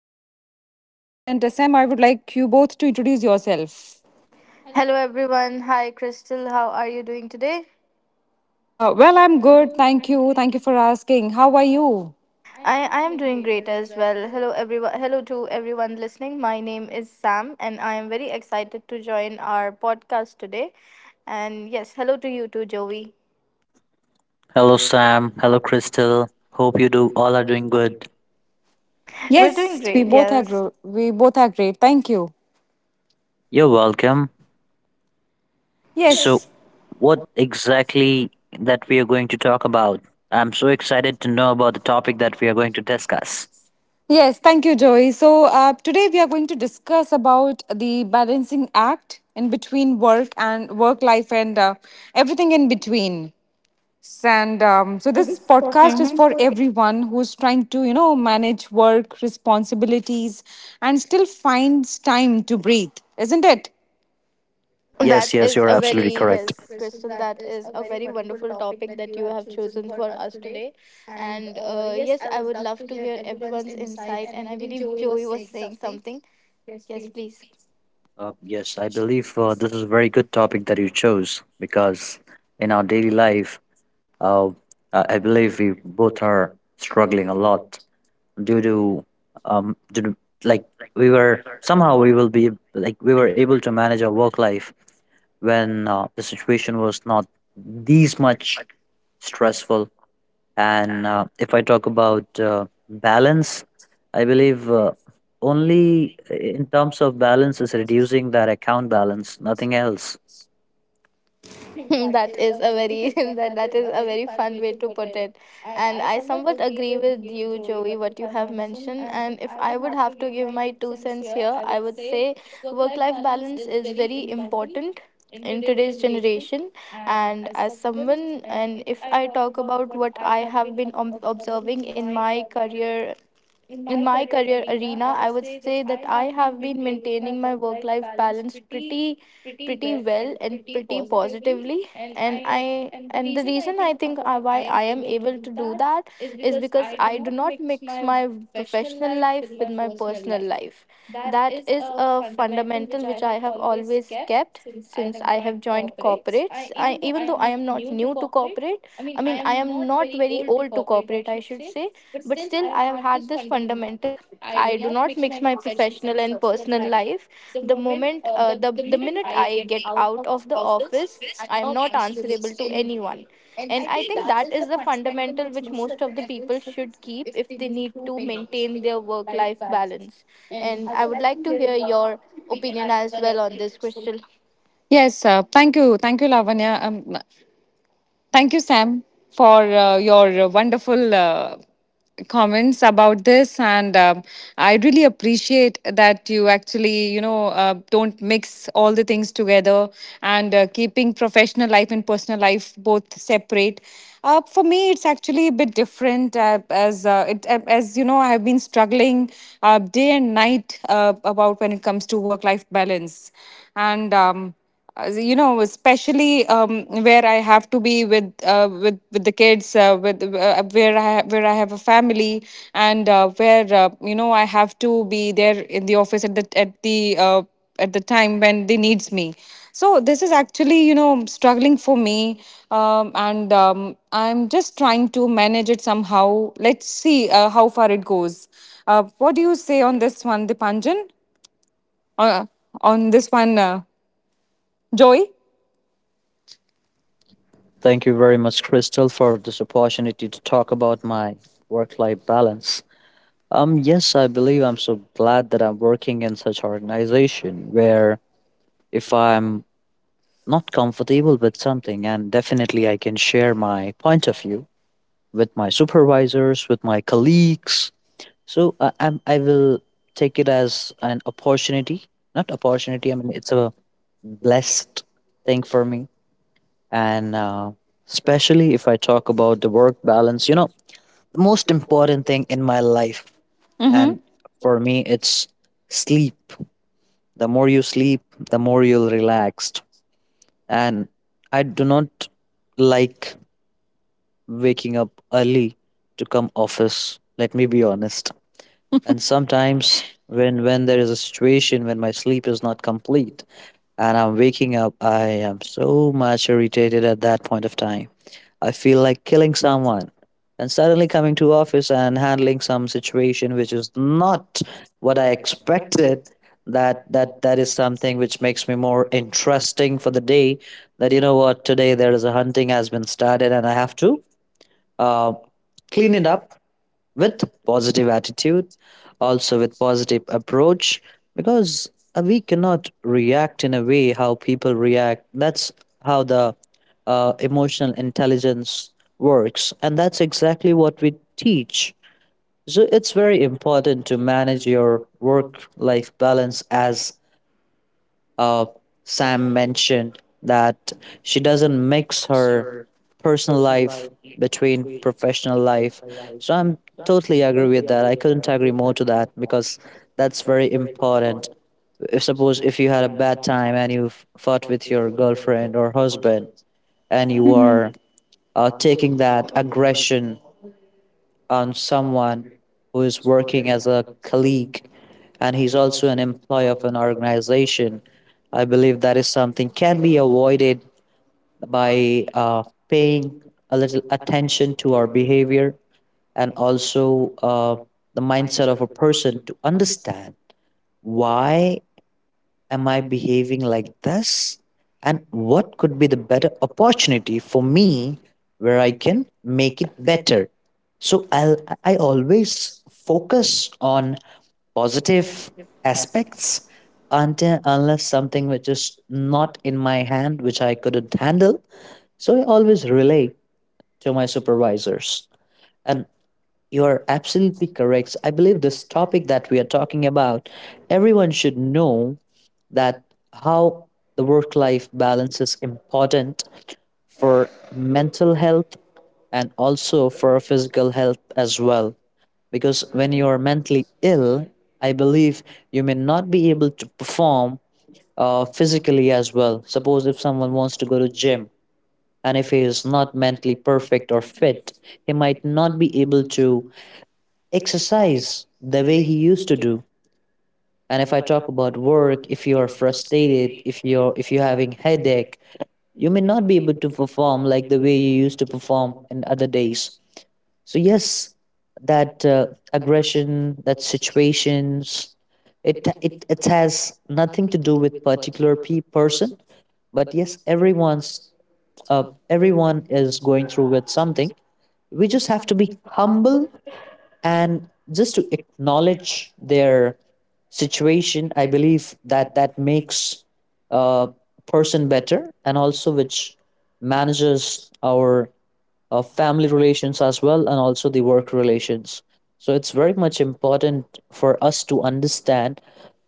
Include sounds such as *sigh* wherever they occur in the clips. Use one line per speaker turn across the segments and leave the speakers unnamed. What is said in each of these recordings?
Joy. Joy and Sam, I would like you both to introduce yourself.
Hello everyone. Hi Crystal. How are you doing today?
Well, I'm good.
I,
Thank you. Thank you for asking. How are you?
I am doing great as well. Hello everyone. Hello to everyone listening. My name is Sam and I am very excited to join our podcast today. And yes, hello to you too, Joey.
Hello, Sam. Hello, Crystal. Hope you do all are doing good.
We're doing
Yes, we
great.
both are
Yes.
we both are great. Thank you.
You're welcome. Yes, so
Yes.
what exactly that we are going to talk about? I'm so excited to know about the topic that we are going to discuss.
Yes, thank you, Joey. So today we are going to discuss about the balancing act in between work and work life and everything in between. S- And so this podcast is for
Mhm.
everyone who's trying to, you know, manage work responsibilities and still finds time to breathe, isn't it?
Yes,
That
yes,
is
you're
a
absolutely
very,
correct.
yes, Crystal, that is a very wonderful topic that you have chosen for us today. And yes, I would love to hear everyone's insight. And I believe Joey was saying something. Yes, please.
Yes, I believe this is a very good topic that you chose because in our daily life, uh, I believe we both are struggling a lot due to due to, like we were somehow, we will be like, we were able to manage our work life when the situation was not these much stressful. And if I talk about balance, I believe only in terms of balance is reducing that account balance, nothing else.
*laughs* That is a very *laughs* that is a very fun way to put it, and I somewhat agree with you, Joey, what you have mentioned. And if I would have to give my 2 cents here, I would say work-life balance is very important in today's generation. And as someone, and if I talk about what I have been observing in my career arena, I would say that I have been maintaining my work life balance pretty pretty well and pretty positively, and I and the reason I think, why I am able to do that is because I do not mix my professional life with my personal life. That is a fundamental which I have always kept since I have joined corporates. I even though I am not new to corporate, I mean, I am not very old to corporate, I should say, but still, I have had this fundamental. I do not mix my professional and personal life. The moment, the minute I get out of the office, I am not answerable to anyone, and I think that is the fundamental which most of the people should keep if they need to maintain their work life balance. And I would like to hear your opinion as well on this, Crystal.
Yes, thank you, Lavanya. Thank you, Sam, for your wonderful comments about this, and I really appreciate that you actually, you know, don't mix all the things together and keeping professional life and personal life both separate. For me, it's actually a bit different, as you know, I have been struggling day and night about when it comes to work life balance, and, as you know, especially where I have to be with with the kids, with where where I have a family, and where, you know, I have to be there in the office at the at the uh, at the time when they needs me. So this is actually, you know, struggling for me. And I'm just trying to manage it somehow. Let's see how far it goes. Uh, what do you say on this one, Dipanjan? uh, on this one, Joy?
Thank you very much, Crystal, for this opportunity to talk about my work life balance. Yes, I believe I'm so glad that I'm working in such organization where if I'm not comfortable with something, and definitely I can share my point of view with my supervisors, with my colleagues. So I will take it as an opportunity, not opportunity. I mean, it's a blessed thing for me, and especially if I talk about the work balance. You know, the most important thing in my life. And for me, it's sleep. The more you sleep, the more you'll relaxed. And I do not like waking up early to come office. Let me be honest. And sometimes when there is a situation when my sleep is not complete and I'm waking up, I am so much irritated at that point of time. I feel like killing someone. And suddenly coming to office and handling some situation which is not what I expected. That is something which makes me more interesting for the day. That, you know what, today there is a hunting has been started and I have to uh, clean it up with positive attitude, also with positive approach, because we cannot react in a way how people react. That's how the emotional intelligence works, and that's exactly what we teach. So it's very important to manage your work life balance, as uh, Sam mentioned that she doesn't mix her personal life between professional life. So I'm totally agree with that. I couldn't agree more to that because that's very important. If, suppose if you had a bad time and you fought with your girlfriend or husband and you are taking that aggression on someone who is working as a colleague and he's also an employee of an organization. I believe that is something can be avoided by paying a little attention to our behavior, and also the mindset of a person to understand why am I behaving like this and what could be the better opportunity for me where I can make it better. So I always focus on positive aspects until unless something which is not in my hand which I couldn't handle, so I always relay to my supervisors. And you are absolutely correct. I believe this topic that we are talking about, everyone should know that how the work life balance is important for mental health and also for physical health as well, because when you are mentally ill, I believe you may not be able to perform physically as well. Suppose if someone wants to go to gym and if he is not mentally perfect or fit, he might not be able to exercise the way he used to do. And if I talk about work, if you are frustrated, if you're having headache, you may not be able to perform like the way you used to perform in other days. So yes, that aggression, that situations, it has nothing to do with particular person, but yes, uh, everyone is going through with something. We just have to be humble and just to acknowledge their situation. I believe that makes a person better and also which manages our family relations as well, and also the work relations. So it's very much important for us to understand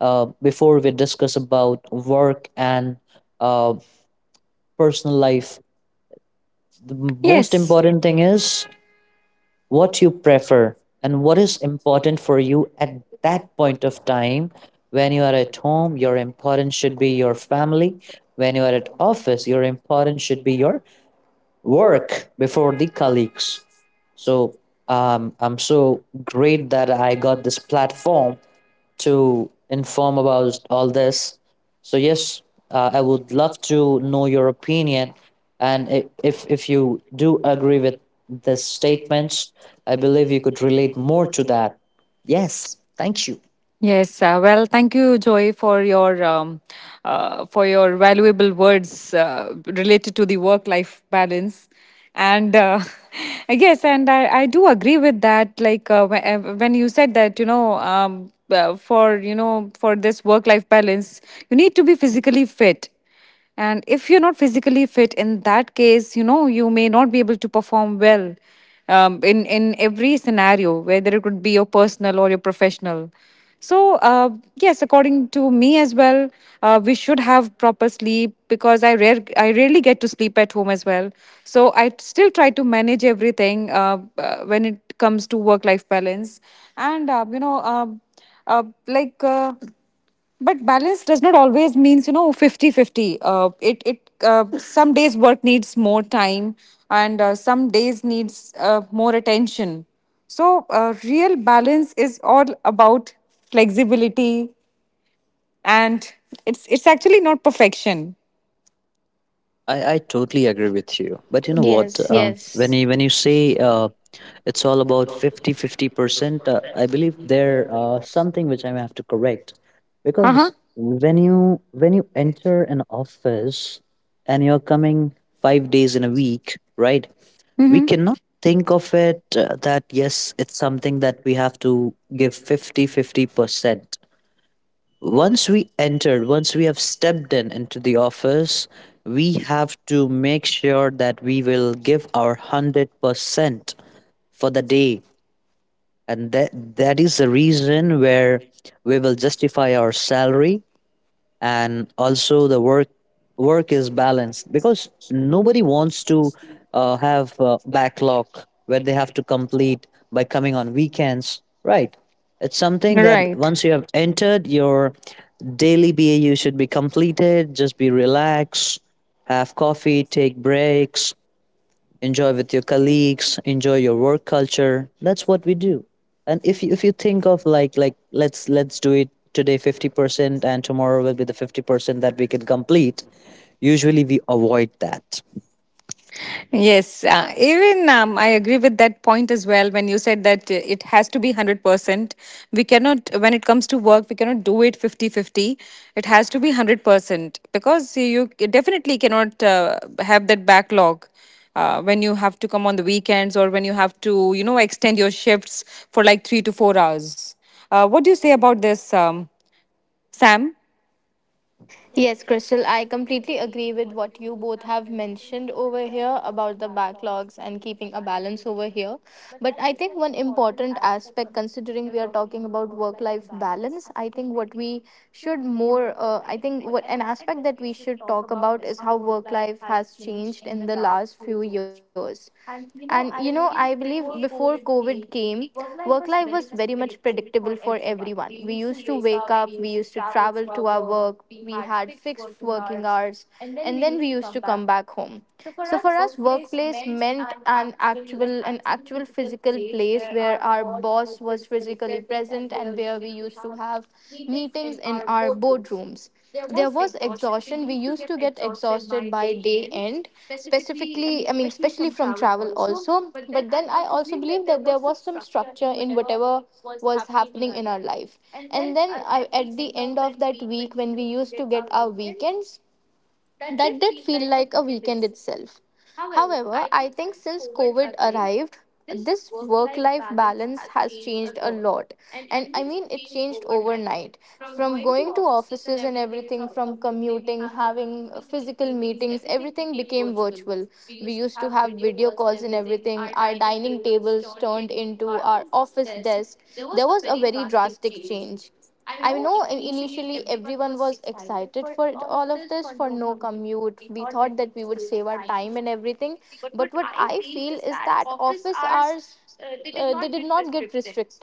before we discuss about work and uh, personal life. The most
Yes.
important thing is what you prefer and what is important for you at that point of time. When you are at home, your importance should be your family. When you are at office, your importance should be your work before the colleagues. So I'm so great that I got this platform to inform about all this. So yes, I would love to know your opinion, and if you do agree with the statements, I believe you could relate more to that. Yes, thank you.
Yes, well, thank you, Joy, for your valuable words related to the work-life balance, and *laughs* yes, and I do agree with that. Like when you said that, for this work-life balance, you need to be physically fit. And if you're not physically fit, in that case, you know, you may not be able to perform well in every scenario, whether it could be your personal or your professional. So, yes, according to me as well, we should have proper sleep because I rarely get to sleep at home as well. So, I still try to manage everything when it comes to work life balance. And, you know, uh, like, uh, but balance does not always means, you know, 50 50. 50 it it some days work needs more time and some days needs more attention. So real balance is all about flexibility and it's actually not perfection.
I totally agree with you. But you know what?
Yes,
Um, when
yes.
you when you say it's all about 50/50 percent, I believe there something which I may have to correct,
Uh-huh.
because when
Mm-hmm.
you when you enter an office and you're coming 5 days in a week, right? We cannot think of it that yes, it's something that we have to give 50/50 percent. Once we have stepped in into the office, we have to make sure that we will give our 100% for the day. And that is the reason where we will justify our salary, and also the work is balanced, because nobody wants to have a backlog where they have to complete by coming on weekends, right? It's something that
Right.
once you have entered, your daily bau should be completed. Just be relaxed, have coffee, take breaks, enjoy with your colleagues, enjoy your work culture. That's what we do. And if you think of like, let's do it today 50% and tomorrow will be the 50% that we can complete. Usually we avoid that.
Yes, even I agree with that point as well. When you said that it has to be 100%, we cannot, when it comes to work, we cannot do it 50-50. It has to be 100% because you definitely cannot have that backlog. When you have to come on the weekends or when you have to, you know, extend your shifts for like 3 to 4 hours. What do you say about this, Sam?
Yes, Crystal, I completely agree with what you both have mentioned over here about the backlogs and keeping a balance over here. But I think one important aspect, considering we are talking about work life balance, I think what we should more, I think what an aspect that we should talk about is how work life has changed in the last few years. And you know, I believe before COVID came, work life was very much predictable for everyone. We used to wake up, we used to travel to our work, we had fixed working hours, and then we used to come back home. So for us, workplace meant an actual physical place where our boss was physically present and where we used to have meetings in our boardrooms. There was exhaustion. We used to get exhausted by day end specifically, I mean especially from travel also, but then I also believe that there was some structure in whatever was happening in our life. And then at the end of that week when we used to get our weekends, that did feel like a weekend itself. However, I think since COVID arrived, this work life balance has changed a lot. And I mean, it changed overnight. From going to offices and everything, from commuting, having physical meetings, everything became virtual. We used to have video calls and everything. Our dining tables turned into our office desk. There was a very drastic change. I know initially everyone was excited for all of this for no commute. We thought that we would save our time and everything. But what I feel is that office hours, they did not get restricted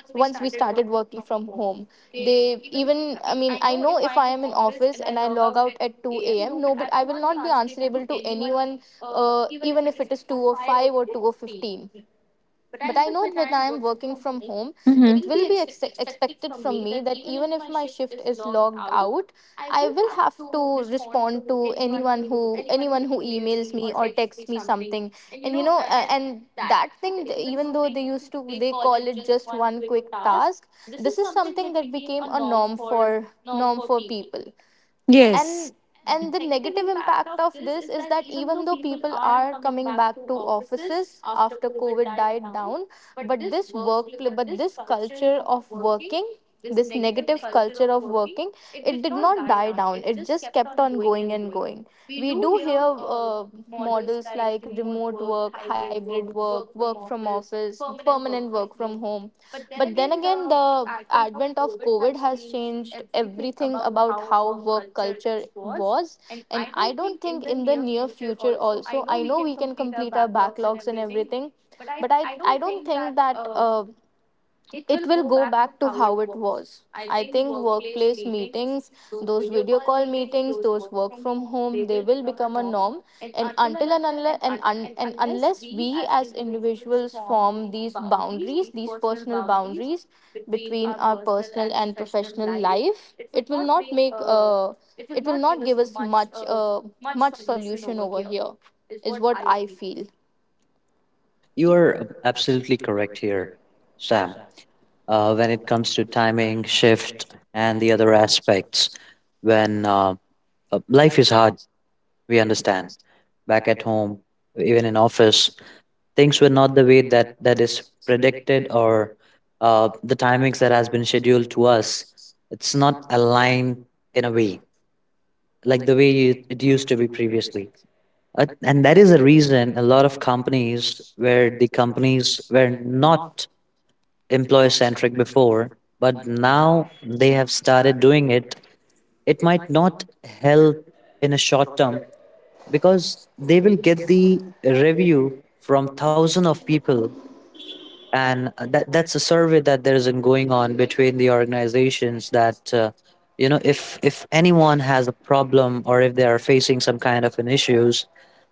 once we started working from home. They even, I mean, I know if I am in office and I log out at 2 a.m., no, but I will not be answerable to anyone, uh, even if it is 2 or 5 or 2 or 15, but I know that when I am working from home, it will be expected from me that even if my shift is logged out, I will have to respond to anyone who anyone who emails me or texts me something. And you know, and that thing, even though they used to they call it just one quick task, this is something that became a norm for people. Yes.
Yes.
And the negative impact of this is that even though people are coming back to offices after COVID died down, but this work but this culture of working, this negative culture of working, it did not die down. It just kept on going and going. We do hear, uh, models like remote work, hybrid work, work from office, permanent work from home. But then again, the advent of COVID has changed everything about how work culture was. And I don't think in the near future, also, I know we can complete our backlogs and everything, but I don't think that. It will go back to how it was. I think workplace meetings, those video call meetings, those work from home, they will become a norm. And until and unless we as individuals form these boundaries, these personal boundaries between our personal and professional life, it will not make it will not give us much much solution over here, is what I feel.
You are absolutely correct here, Sam. When it comes to timing, shift, and the other aspects, when life is hard, we understand. Back at home, even in office, things were not the way that is predicted, or the timings that has been scheduled to us, it's not aligned in a way like the way it used to be previously. And that is a reason a lot of companies, where the companies were not employee centric before, but now they have started doing it, it might not help in a short term because they will get the review from thousands of people. And that's a survey that there isn't going on between the organizations, that, you know, if anyone has a problem or if they are facing some kind of an issues,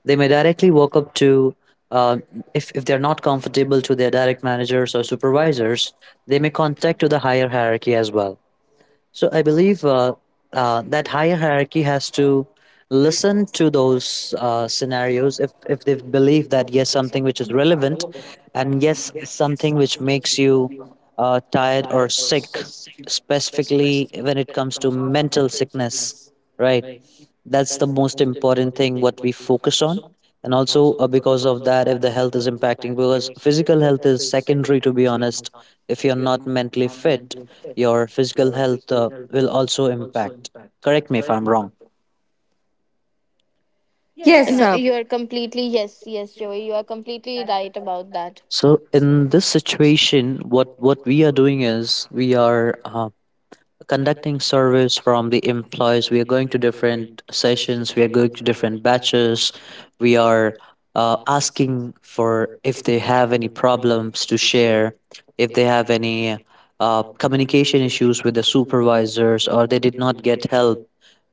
they may directly walk up to, uh, if they're not comfortable to their direct managers or supervisors, they may contact to the higher hierarchy as well. So I believe that higher hierarchy has to listen to those scenarios, if they believe that yes, something which is relevant, and yes, something which makes you tired or sick, specifically when it comes to mental sickness, right? That's the most important thing what we focus on. And also because of that, if the health is impacting, because physical health is secondary, to be honest. If you're not mentally fit, your physical health will also impact. Correct me if I'm wrong.
Yes.
Yes.
No, you are completely yes, yes, Joey. You are completely right about that.
So in this situation, what we are doing is we are conducting surveys from the employees. We are going to different sessions. We are going to different batches. We are asking for if they have any problems to share, if they have any communication issues with the supervisors, or they did not get help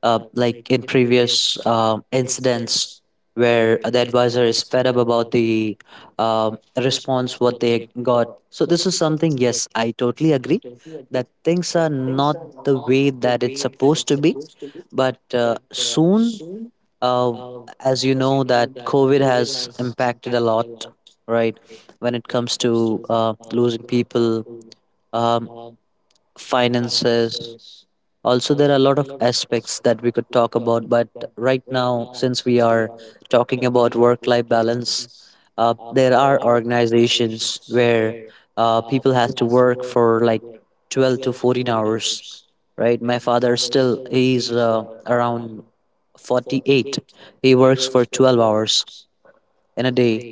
like in previous incidents where the advisor is fed up about the response what they got. So this is something. Yes, I totally agree that things are not the way that it's supposed to be. But soon, uh, as you know that COVID has impacted a lot, right, when it comes to losing people, um, finances, also, there are a lot of aspects that we could talk about, but right now, since we are talking about work life balance, there are organizations where people have to work for like 12 to 14 hours, right? My father, still he's around 48. He works for 12 hours in a day.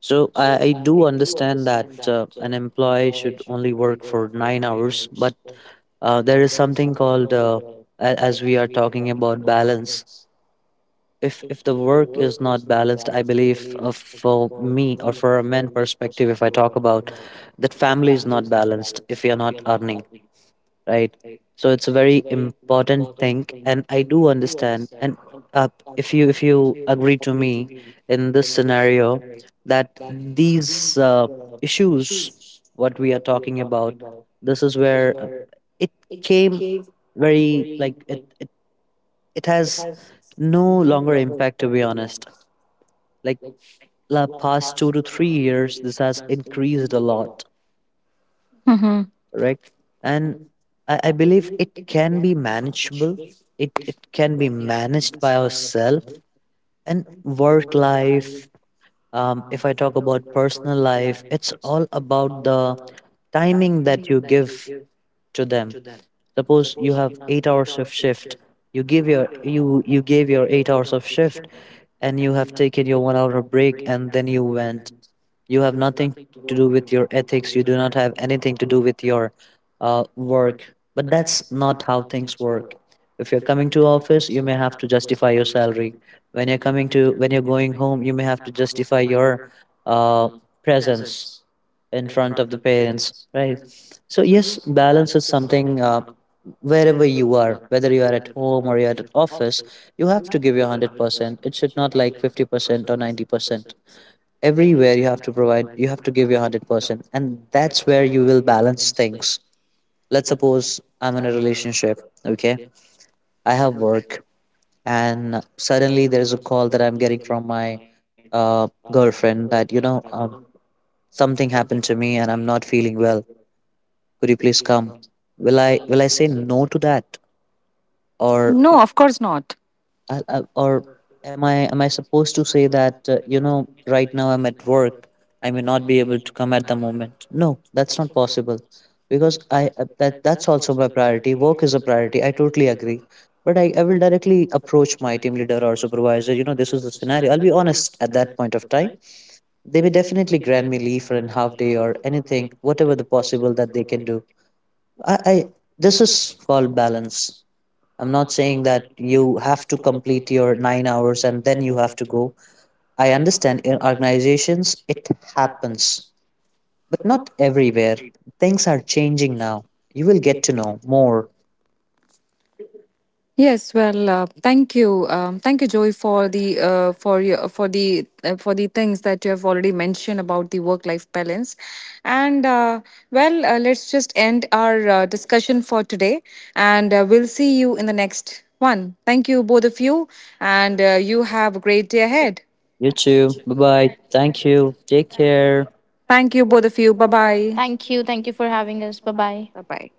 So I do understand that an employee should only work for 9 hours, but there is something called, as we are talking about balance. If the work is not balanced, I believe for me or for a man perspective, if I talk about that, family is not balanced if you're not earning, right? So it's a very important thing, and I do understand. And uh, if you agree to me in this scenario, that these issues, what we are talking about, this is where it came very like it has no longer impact, to be honest. Like the past 2 to 3 years, this has increased a lot,
Mhm.
right? And I believe it can be manageable. It can be managed by ourselves and work life. If I talk about personal life, it's all about the timing that you give to them. Suppose you have 8 hours of shift. You gave your 8 hours of shift, and you have taken your 1 hour of break, and then you went, you have nothing to do with your ethics. You do not have anything to do with your work. But that's not how things work. If you're coming to office, you may have to justify your salary. When you're going home, you may have to justify your uh, presence in front of the parents, right? So yes, balance is something. Wherever you are, whether you are at home or you are at office, you have to give your 100%. It should not like 50% or 90%. Everywhere you have to provide, you have to give your 100%, and that's where you will balance things. Let's suppose I'm in a relationship, okay? I have work, and suddenly there's a call that I'm getting from my girlfriend that, you know, something happened to me and I'm not feeling well. Could you please come? Will I say no to that? Or
No, of course not.
I, I, or am I supposed to say that you know, right now I'm at work, I may not be able to come at the moment? No, that's not possible. Because I that's also my priority, work is a priority, I totally agree. But I will directly approach my team leader or supervisor, you know, this is the scenario, I'll be honest at that point of time. They may definitely grant me leave for an half day or anything whatever the possible that they can do. I This is called balance. I'm not saying that you have to complete your 9 hours and then you have to go. I understand in organizations it happens, but not everywhere. Things are changing now. You will get to know more.
Yes, well, thank you, Joy, for the for your for the things that you have already mentioned about the work life balance, and well, let's just end our discussion for today, and we'll see you in the next one. Thank you, both of you, and you have a great day ahead.
You too. Bye bye. Thank you. Take care.
Thank you, both of you. Bye bye.
Thank you. Thank you for having us. Bye bye.
Bye bye.